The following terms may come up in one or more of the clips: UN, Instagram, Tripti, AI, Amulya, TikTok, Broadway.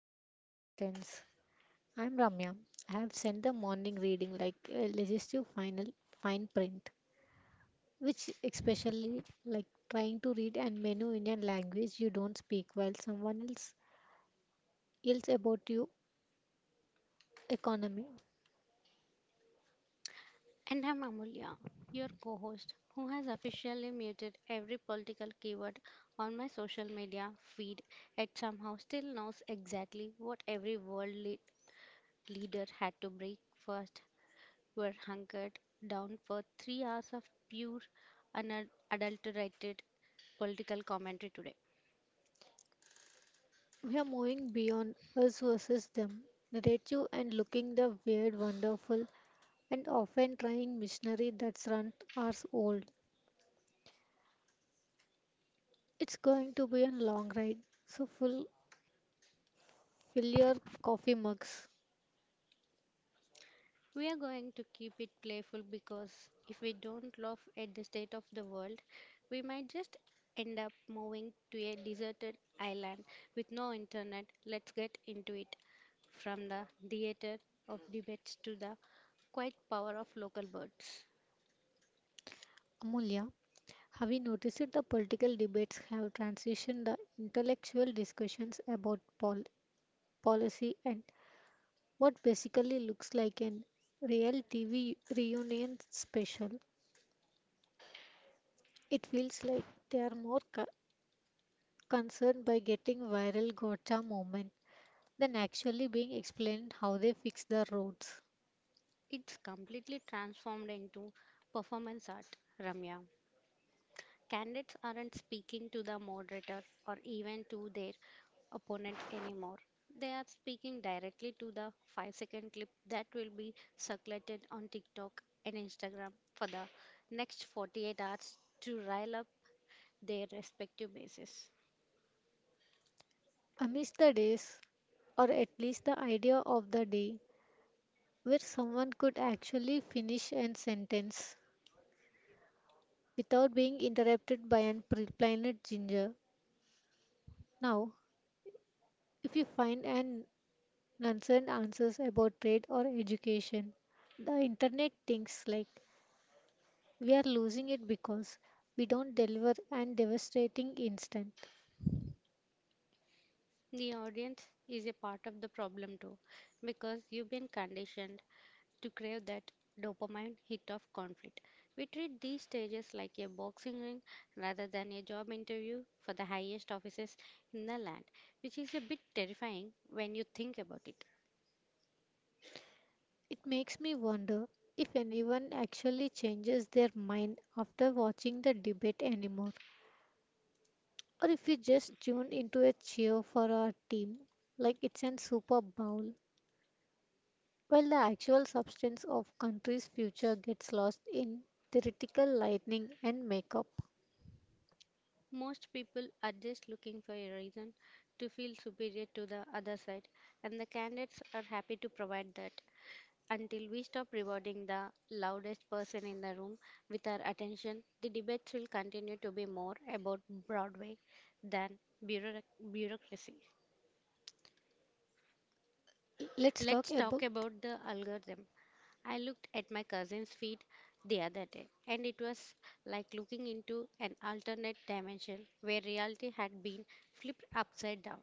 sense of nonsense. I'm Ramya. I have sent the morning reading like a legislative final fine print, which especially like trying to read and menu Indian language you don't speak while someone else yells about you economy. And I'm Amulya, your co host, who has officially muted every political keyword on my social media feed yet somehow still knows exactly what every world leader had to break 1st. Were We're hunkered down for 3 hours of pure, unadulterated political commentary today. We are moving beyond us versus them, narrative and looking the weird, wonderful, and often trying missionary that's run hours old. It's going to be a long ride, so full Fill your coffee mugs. We are going to keep it playful, because if we don't laugh at the state of the world, we might just end up moving to a deserted island with no internet. Let's get into it. From the theater of debates to the quiet power of local birds, Amulya, have you noticed that the political debates have transitioned the intellectual discussions about policy and what basically looks like an real TV reunion special? It feels like they are more concerned by getting viral gotcha moment than actually being explained how they fix the roads. it's completely transformed into performance art, Ramya. Candidates aren't speaking to the moderator or even to their opponent anymore. They are speaking directly to the 5-second clip that will be circulated on TikTok and Instagram for the next 48 hours to rile up their respective bases. I miss the days, or at least the idea of the day where someone could actually finish a sentence without being interrupted by an planet ginger. Now, if you find an nonsense answers about trade or education, the internet thinks like we are losing it because we don't deliver and devastating instant. The audience is a part of the problem too, because you've been conditioned to crave that dopamine hit of conflict. We treat these stages like a boxing ring rather than a job interview for the highest offices in the land, which is a bit terrifying when you think about it. It makes me wonder if anyone actually changes their mind after watching the debate anymore, or if you just tune into a cheer for our team like it's an Super Bowl, while the actual substance of country's future gets lost in theoretical lightning and makeup. Most people are just looking for a reason to feel superior to the other side, and the candidates are happy to provide that. Until we stop rewarding the loudest person in the room with our attention, the debates will continue to be more about Broadway than bureauc- bureaucracy. Let's talk Let's about. talk about the algorithm. I looked at my cousin's feed the other day, and it was like looking into an alternate dimension where reality had been flipped upside down.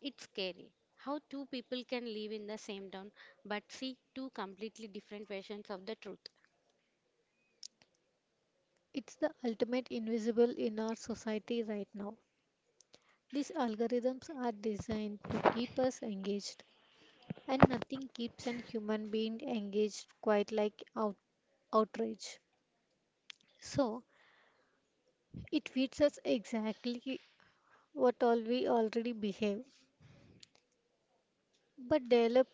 It's scary how two people can live in the same town but see two completely different versions of the truth. It's the ultimate invisible in our society right now. These algorithms are designed to keep us engaged, and nothing keeps an human being engaged quite like outrage. So, it feeds us exactly what all we already behave, but develop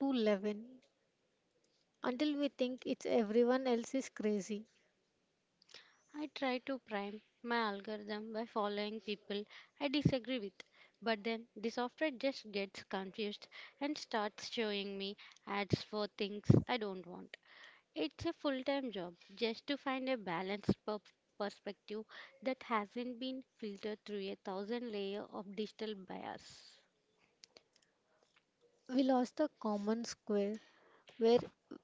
to leaven until we think it's everyone else is crazy. I try to prime my algorithm by following people I disagree with, but then the software just gets confused and starts showing me ads for things I don't want. It's a full time job just to find a balanced perspective that hasn't been filtered through a thousand layer of digital bias. We lost the common square where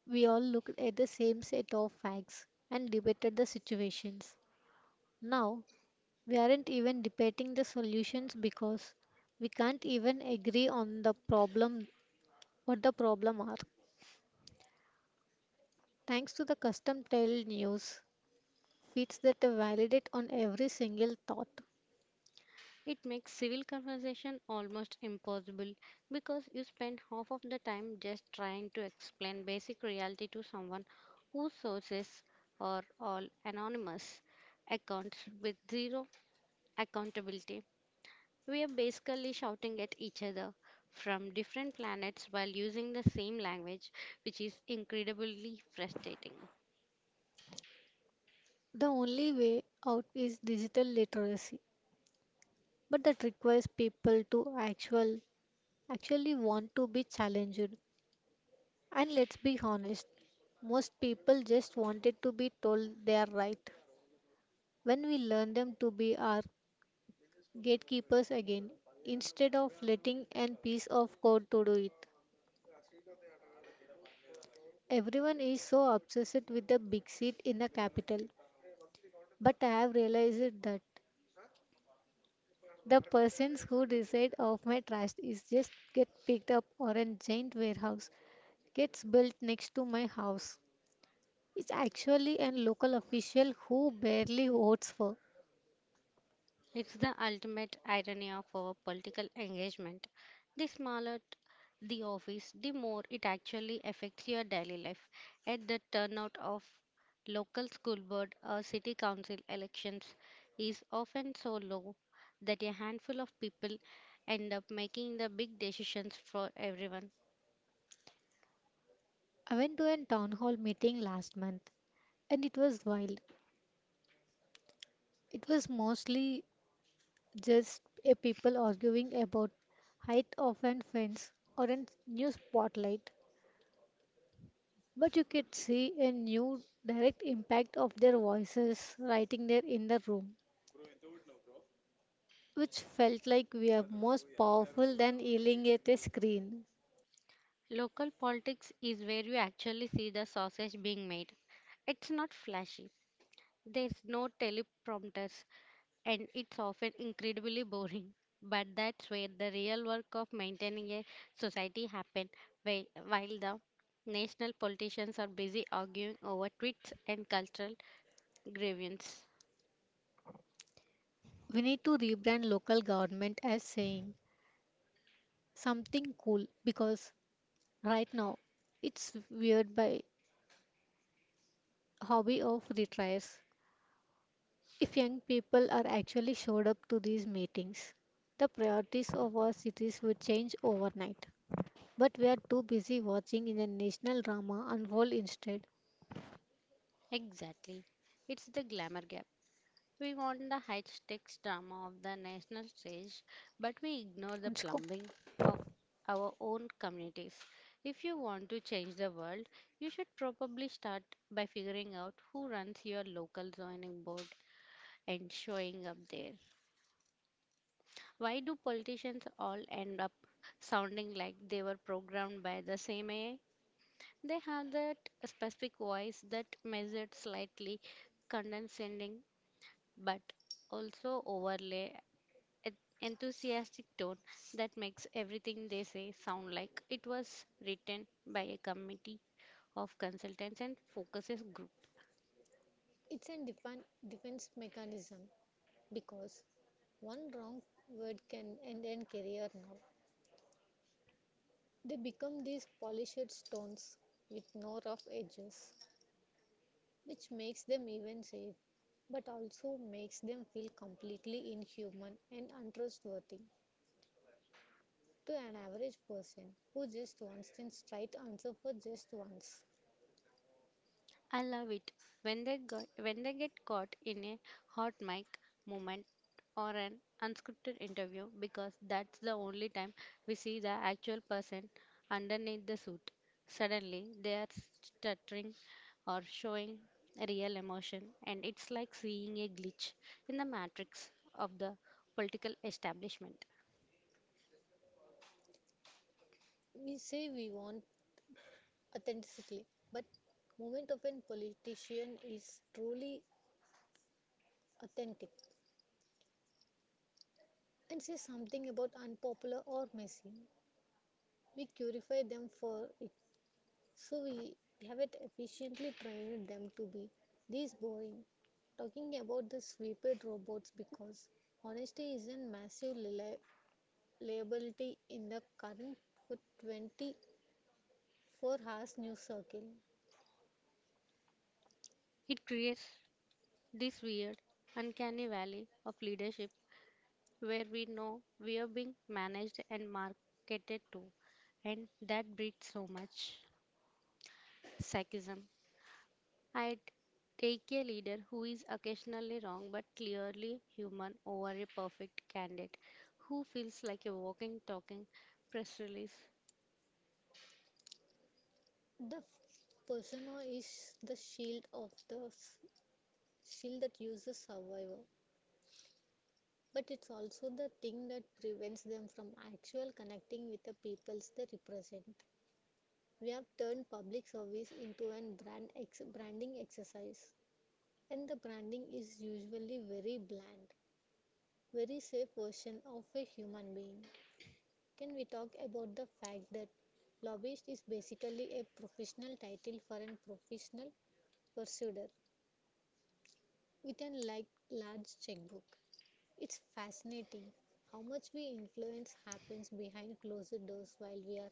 we all looked at the same set of facts and debated the situations. Now we aren't even debating the solutions because we can't even agree on the problem what the problem are. Thanks to the custom tailed news feeds that validate on every single thought. It makes civil conversation almost impossible, because you spend half of the time just trying to explain basic reality to someone whose sources are all anonymous accounts with zero accountability. We are basically shouting at each other from different planets while using the same language, which is incredibly frustrating. The only way out is digital literacy, but that requires people to actually want to be challenged, and let's be honest, most people just wanted to be told they are right. When we learn them to be our gatekeepers again instead of letting an piece of code to do it, everyone is so obsessed with the big seat in the capital, but I have realized that the persons who decide of my trust is just get picked up or a giant warehouse gets built next to my house. It's actually a local official who barely votes for. It's the ultimate irony of our political engagement. The smaller the office, the more it actually affects your daily life. At the turnout of local school board or city council elections is often so low that a handful of people end up making the big decisions for everyone. I went to a town hall meeting last month, and it was wild. It was mostly just a people arguing about height of a fence or a new spotlight. But you could see a new direct impact of their voices writing there in the room, which felt like we are more powerful than yelling at a screen. Local politics is where you actually see the sausage being made. It's not flashy. There's no teleprompters, and it's often incredibly boring. But that's where the real work of maintaining a society happens, while the national politicians are busy arguing over tweets and cultural grievances. We need to rebrand local government as saying something cool because right now it's weird by hobby of retires. If young people are actually showed up to these meetings, the priorities of our cities would change overnight. But we are too busy watching in a national drama unfold instead. Exactly. It's the glamour gap. We want the high stakes drama of the national stage, but we ignore the Unchko. plumbing of our own communities. If you want to change the world, you should probably start by figuring out who runs your local zoning board and showing up there. Why do politicians all end up sounding like they were programmed by the same AI? They have that specific voice, that measured, slightly condescending, but also overlay an enthusiastic tone, that makes everything they say sound like it was written by a committee of consultants and focuses group. It's a defense mechanism because one wrong word can end a career now. They become these polished stones with no rough edges, which makes them even safe, but also makes them feel completely inhuman and untrustworthy to an average person who just wants the straight answer for just once. I love it when they get caught in a hot mic moment or an unscripted interview, because that's the only time we see the actual person underneath the suit. Suddenly they are stuttering or showing real emotion, and it's like seeing a glitch in the matrix of the political establishment. We say we want authenticity, but moment of a politician is truly authentic and says something about unpopular or messy. We purify them for it. So we haven't efficiently trained them to be this boring. Talking about the sweeper robots because honesty is a massive liability in the current 24 hours news circle. It creates this weird uncanny valley of leadership where we know we are being managed and marketed to, and that breeds so much psychism. I'd take a leader who is occasionally wrong but clearly human over a perfect candidate who feels like a walking, talking press release. The persona is the shield of the shield that uses survivor, but it's also the thing that prevents them from actual connecting with the peoples they represent. We have turned public service into an branding exercise, and the branding is usually very bland, very safe version of a human being. Can we talk about the fact that lobbyist is basically a professional title for a professional pursuer with a like large checkbook? It's fascinating how much we influence happens behind closed doors while we are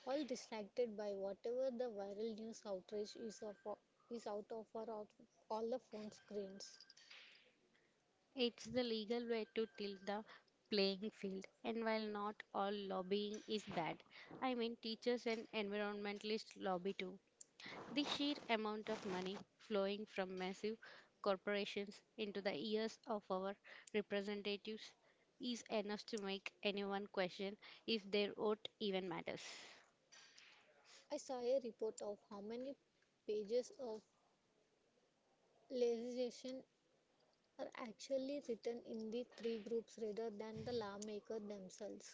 all distracted by whatever the viral news outrage is of is out of our out, all the phone screens. It's the legal way to tilt the playing field, and while not all lobbying is bad, I mean, teachers and environmentalists lobby too. The sheer amount of money flowing from massive corporations into the ears of our representatives is enough to make anyone question if their vote even matters. I saw a report of how many pages of legislation are actually written in the three groups rather than the lawmakers themselves.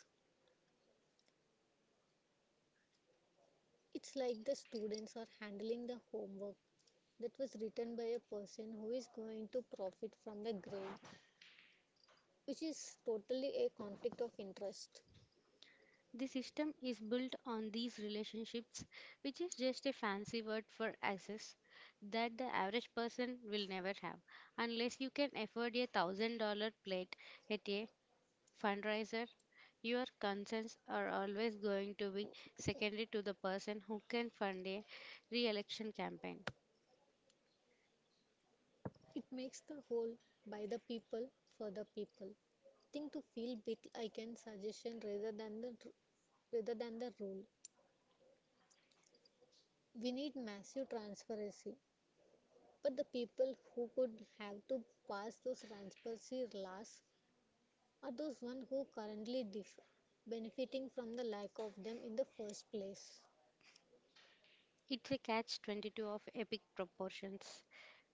It's like the students are handling the homework that was written by a person who is going to profit from the grade, which is totally a conflict of interest. The system is built on these relationships, which is just a fancy word for access that the average person will never have. Unless you can afford $1,000 plate at a fundraiser, your concerns are always going to be secondary to the person who can fund a re election campaign. It makes the whole by the people for the people thing to feel bit I can suggestion rather than the rule. We need massive transparency, but the people who could have to pass those transparency laws are those one who currently benefiting from the lack of them in the first place. It's a catch 22 of epic proportions.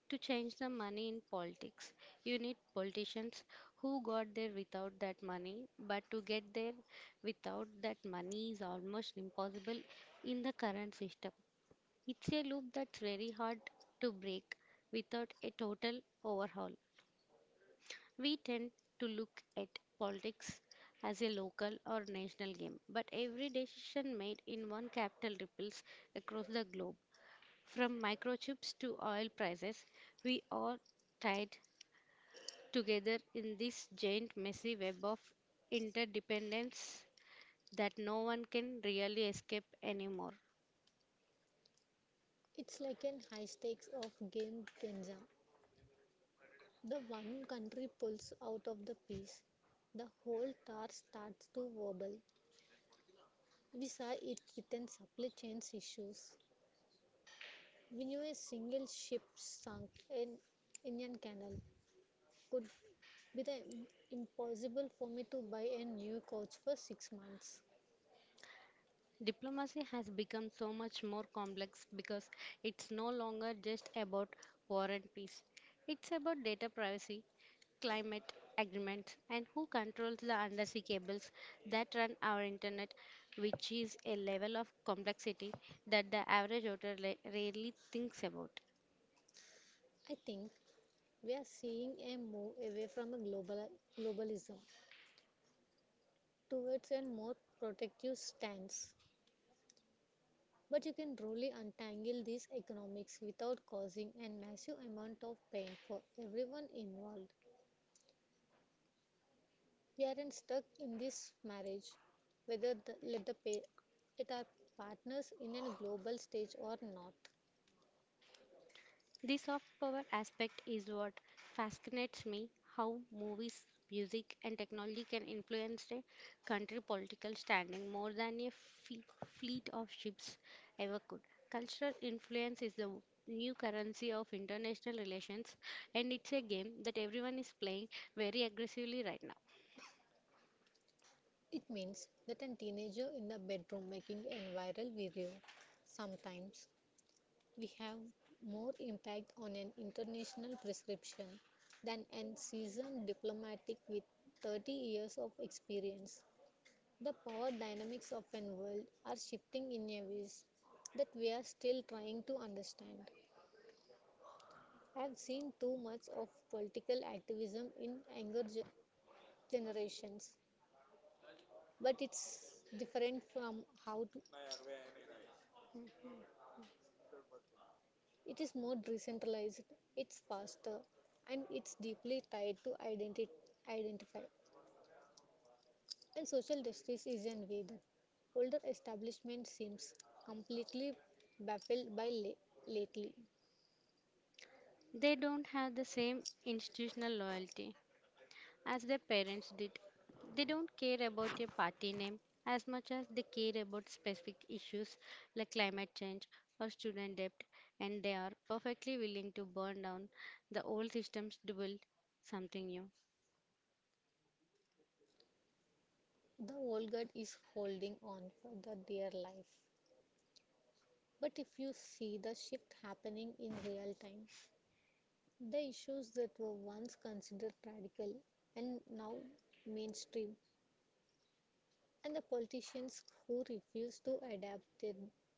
To change the money in politics, you need politicians who got there without that money, but to get there without that money is almost impossible in the current system. It's a loop that's very hard to break without a total overhaul. We tend to look at politics as a local or national game, but every decision made in one capital ripples across the globe. From microchips to oil prices, we are tied together in this giant, messy web of interdependence that no one can really escape anymore. It's like an high stakes of game Kenja. The one country pulls out of the piece, the whole tar starts to wobble. We saw it threaten supply chain issues. We knew a single ship sunk in Indian Canal could be the impossible for me to buy a new couch for 6 months. Diplomacy has become so much more complex, because it's no longer just about war and peace. It's about data privacy, climate agreements, and who controls the undersea cables that run our internet, which is a level of complexity that the average voter rarely thinks about. I think we are seeing a move away from a globalism towards a more protective stance. But you can truly untangle these economics without causing a massive amount of pain for everyone involved. We are not stuck in this marriage, whether the, let the pair let our partners in a global stage or not. The soft power aspect is what fascinates me, how movies, music, and technology can influence a country political standing more than a fleet of ships ever could. Cultural influence is the new currency of international relations, and it's a game that everyone is playing very aggressively right now. It means that a teenager in the bedroom making a viral video. Sometimes we have more impact on an international prescription than a seasoned diplomatic with 30 years of experience. The power dynamics of an world are shifting in a ways that we are still trying to understand. I have seen too much of political activism in younger generations, but it's different from how to, it is more decentralized, it's faster, and it's deeply tied to identity identify. And social justice is an way that older establishment seems completely baffled by lately. They don't have the same institutional loyalty as their parents did. They don't care about your party name as much as they care about specific issues like climate change or student debt, and they are perfectly willing to burn down the old systems to build something new. The old guard is holding on for the dear life. But if you see the shift happening in real time, the issues that were once considered radical and now mainstream, and the politicians who refuse to adapt it,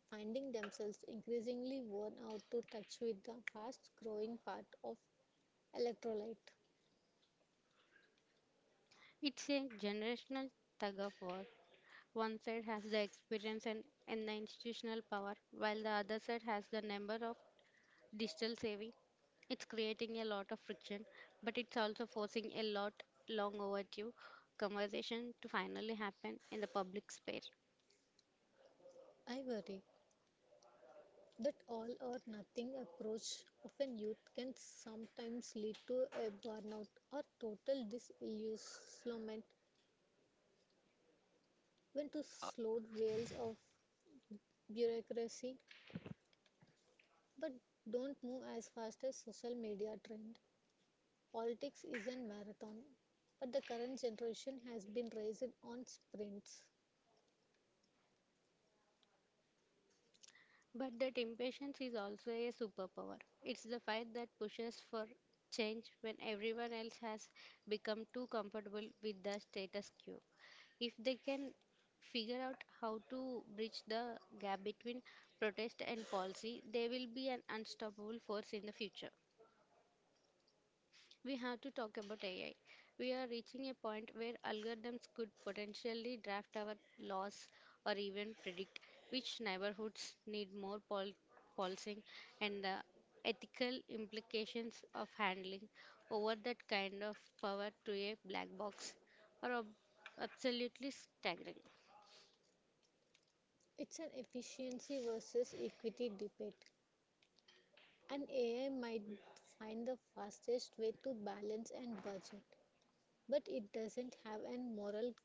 finding themselves increasingly worn out to touch with the fast growing part of electrolyte. It's a generational tug of war. One side has the experience and the institutional power, while the other side has the number of digital savvy. It's creating a lot of friction, but it's also forcing a lot long overdue conversation to finally happen in the public space. I worry that all or nothing approach of a youth can sometimes lead to a burnout or total disillusionment when too slow wheels of bureaucracy, but don't move as fast as social media trend. Politics is a marathon, but the current generation has been raised on sprints. But that impatience is also a superpower. It's the fight that pushes for change when everyone else has become too comfortable with the status quo. If they can figure out how to bridge the gap between protest and policy, they will be an unstoppable force in the future. We have to talk about AI. We are reaching a point where algorithms could potentially draft our laws or even predict which neighborhoods need more policing, and the ethical implications of handling over that kind of power to a black box are absolutely staggering. It's an efficiency versus equity debate, and AI might find the fastest way to balance and budget, but it doesn't have a moral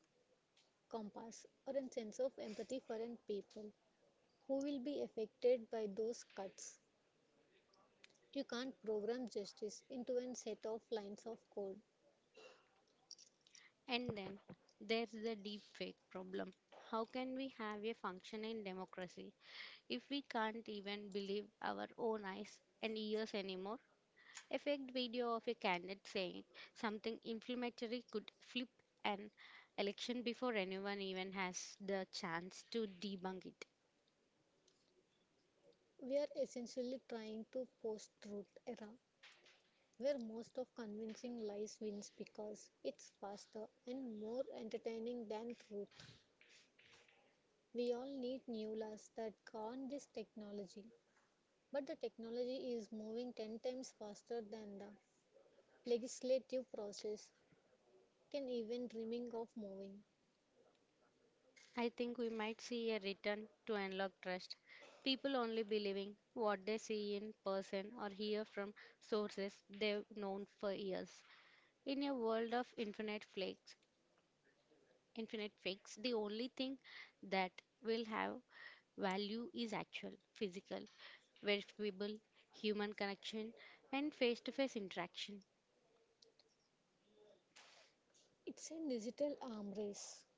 compass or a sense of empathy for an people who will be affected by those cuts. You can't program justice into a set of lines of code. And then there's the deep fake problem. How can we have a functioning democracy if we can't even believe our own eyes and ears anymore? A fake video of a candidate saying something inflammatory could flip an election before anyone even has the chance to debunk it. We are essentially trying to post-truth era where most of convincing lies wins because it's faster and more entertaining than truth. We all need new laws that govern this technology, but the technology is moving 10 times faster than the legislative process can even dreaming of moving. I think we might see a return to unlock trust, people only believing what they see in person or hear from sources they've known for years. In a world of infinite flakes, infinite fix, the only thing that will have value is actual, physical, verifiable human connection and face to face interaction. It's a digital arm race.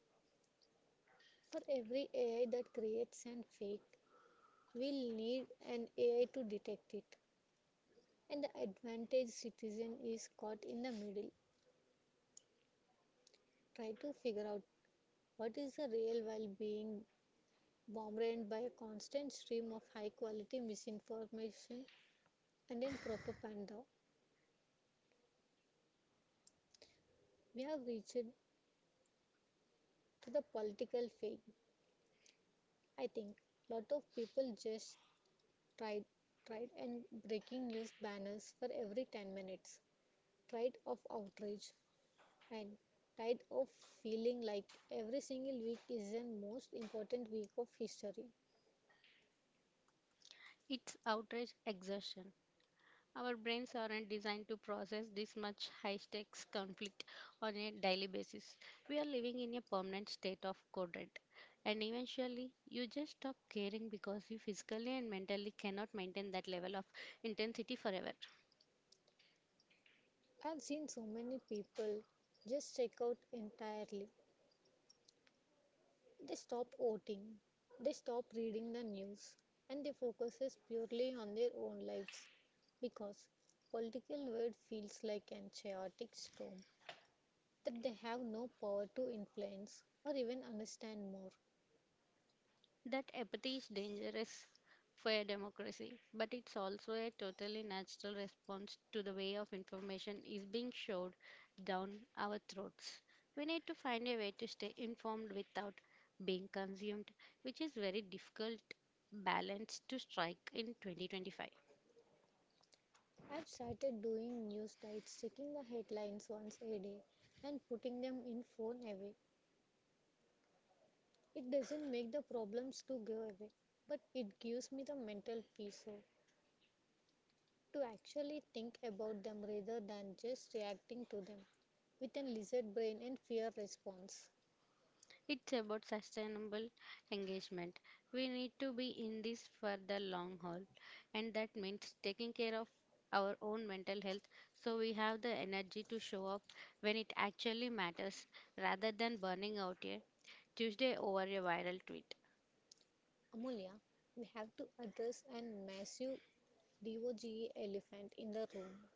For every AI that creates an fake, we'll need an AI to detect it, and the advantaged citizen is caught in the middle, try to figure out what is the real while being bombarded by a constant stream of high quality misinformation and then propaganda. We have reached to the political phase. I think lot of people just tried tried and breaking news banners for every 10 minutes, tried of outrage, and tired of feeling like every single week is the most important week of history. It's outrage exertion. Our brains aren't designed to process this much high stakes conflict on a daily basis. We are living in a permanent state of code red, and eventually, you just stop caring, because you physically and mentally cannot maintain that level of intensity forever. I've seen so many people just check out entirely. They stop voting, they stop reading the news, and they focus purely on their own lives because political world feels like an chaotic storm that they have no power to influence or even understand more. That apathy is dangerous for a democracy, but it's also a totally natural response to the way of information is being shoved down our throats. We need to find a way to stay informed without being consumed, which is very difficult balance to strike in 2025. I've started doing news diets, checking the headlines once a day and putting them in phone away. It doesn't make the problems to go away, but it gives me the mental peace. So to actually think about them rather than just reacting to them with a lizard brain and fear response. It's about sustainable engagement. We need to be in this for the long haul, and that means taking care of our own mental health, so we have the energy to show up when it actually matters rather than burning out a Tuesday over a viral tweet. Amulya, we have to address a massive DOGE elephant in the room,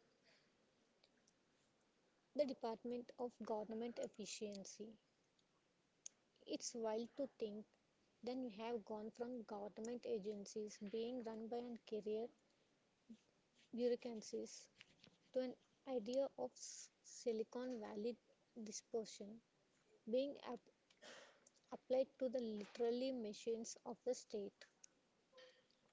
the Department of Government Efficiency. It's wild to think then we have gone from government agencies being run by an career bureaucracies to an idea of Silicon Valley dispersion being up applied to the literally machines of the state.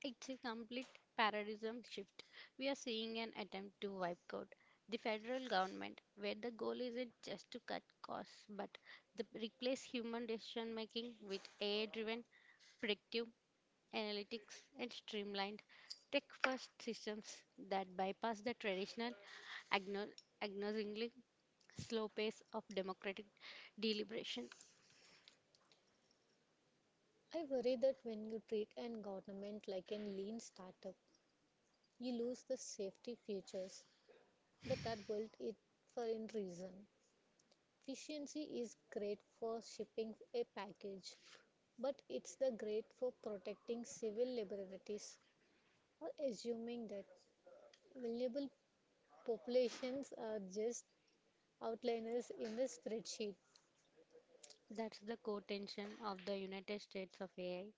It's a complete paradigm shift. We are seeing an attempt to wipe out the federal government, where the goal isn't just to cut costs but to replace human decision making with AI driven predictive analytics, and streamlined tech first systems that bypass the traditional, agno- agonizingly slow pace of democratic deliberation. I worry that when you treat an government like a lean startup, you lose the safety features that are built in for in reason. Efficiency is great for shipping a package, but it's the great for protecting civil liberties or assuming that vulnerable populations are just outliners in the spreadsheet. That's the core tension of the United States of AI.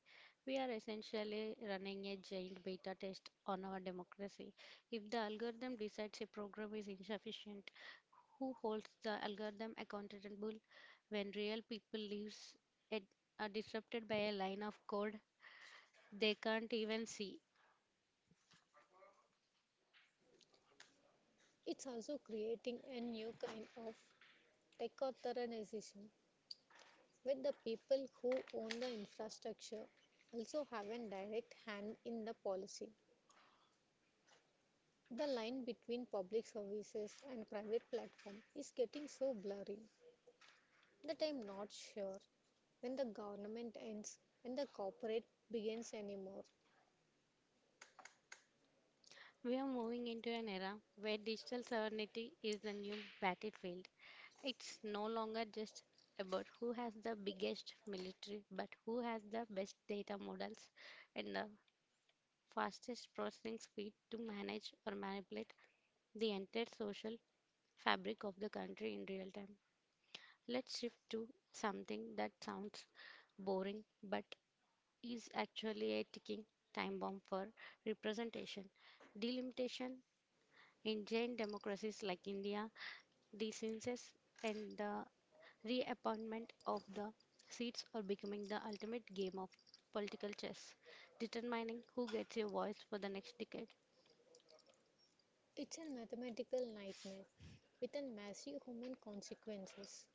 We are essentially running a giant beta test on our democracy. If the algorithm decides a program is insufficient, who holds the algorithm accountable when real people lives it are disrupted by a line of code they can't even see? It's also creating a new kind of tech authorization with the people who own the infrastructure also having direct hand in the policy. The line between public services and private platform is getting so blurry that I'm not sure when the government ends and the corporate begins anymore. We are moving into an era where digital sovereignty is the new battlefield. It's no longer just about who has the biggest military, but who has the best data models and the fastest processing speed to manage or manipulate the entire social fabric of the country in real time. Let's shift to something that sounds boring but is actually a ticking time bomb for representation. Delimitation in giant democracies like India, the census and the reappointment of the seats are becoming the ultimate game of political chess, determining who gets a voice for the next decade. It's a mathematical nightmare with a massive human consequences.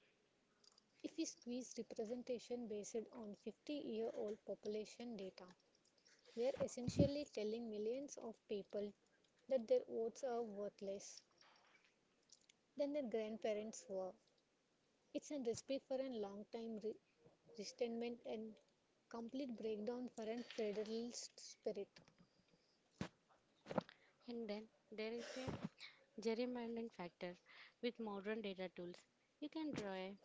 If we squeeze representation based on 50-year-old population data, we're essentially telling millions of people that their votes are worthless than their grandparents were. It's a recipe for a long time resentment and complete breakdown for a federalist spirit. And then there is a gerrymandering factor with modern data tools. You can draw a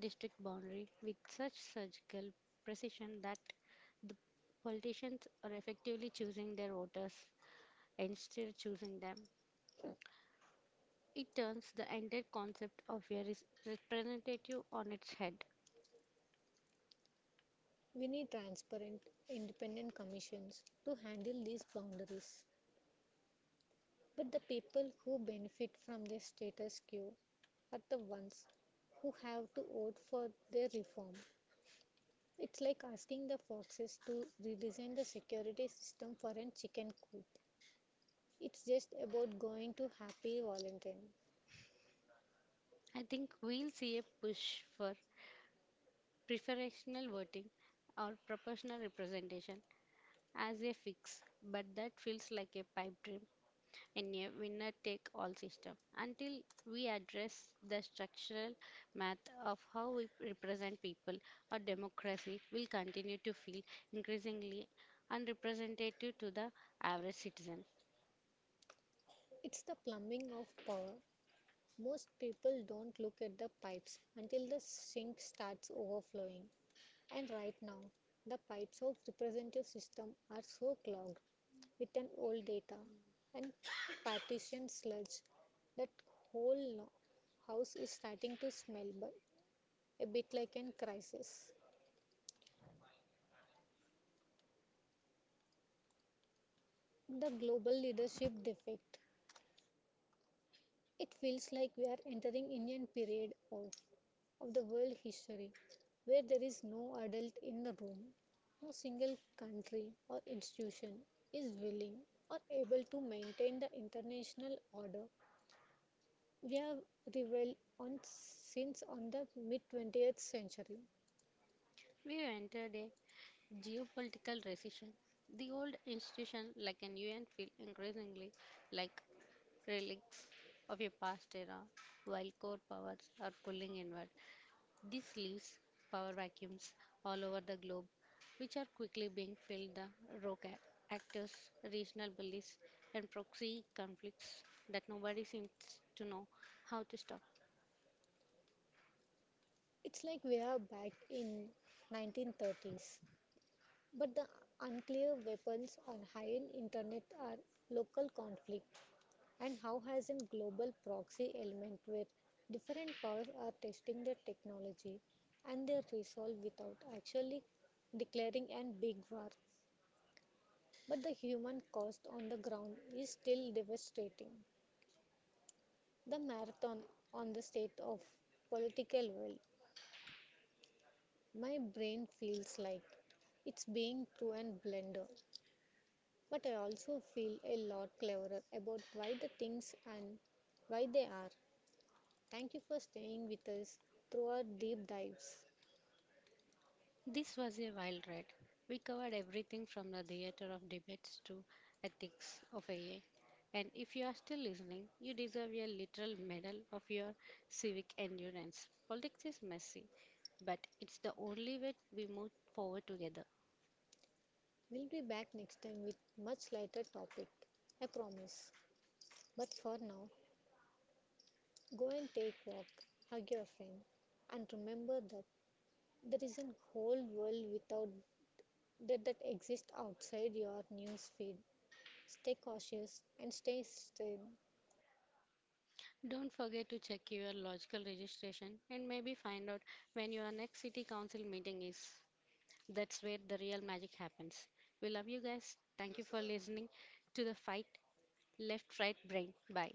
district boundary with such surgical precision that the politicians are effectively choosing their voters instead of choosing them. It turns the entire concept of a representative on its head. We need transparent, independent commissions to handle these boundaries. But the people who benefit from this status quo are the ones who have to vote for their reform. It's like asking the foxes to redesign the security system for a chicken coop. It's just about going to happy Valentine. I think we'll see a push for preferential voting or proportional representation as a fix, but that feels like a pipe dream in a winner take all system. Until we address the structural math of how we represent people, our democracy will continue to feel increasingly unrepresentative to the average citizen. It's the plumbing of power. Most people don't look at the pipes until the sink starts overflowing. And right now, the pipes of representative system are so clogged with an old data and partition sludge that whole house is starting to smell a bit like a crisis. The global leadership defect. It feels like we are entering Indian period of the world history where there is no adult in the room. No single country or institution is willing or able to maintain the international order we have reveled on since on the mid 20th century. We have entered a geopolitical recession. The old institution like an un feel increasingly like relics of a past era, while core powers are pulling inward. This leaves power vacuums all over the globe, which are quickly being filled the rogue actors, regional bullies, and proxy conflicts that nobody seems to know how to stop. It's like we are back in 1930s, but the unclear weapons on high-end internet are local conflict and how has in global proxy element where different powers are testing the technology and their resolve without actually declaring an big war, but the human cost on the ground is still devastating. The marathon on the state of political will, my brain feels like it's being through a blender, but I also feel a lot cleverer about why the things and why they are. Thank you for staying with us through our deep dives. This was a wild ride. We covered everything from the theater of debates to ethics of AI. And if you are still listening, you deserve a literal medal of your civic endurance. Politics is messy, but it's the only way we move forward together. We'll be back next time with much lighter topic. I promise. But for now, go and take walk, hug your friend, and remember that there is a whole world without that that exists outside your news feed. Stay cautious and stay still. Don't forget to check your logical registration and maybe find out when your next city council meeting is. That's where the real magic happens. We love you guys. Thank you for listening to the fight left right brain. Bye.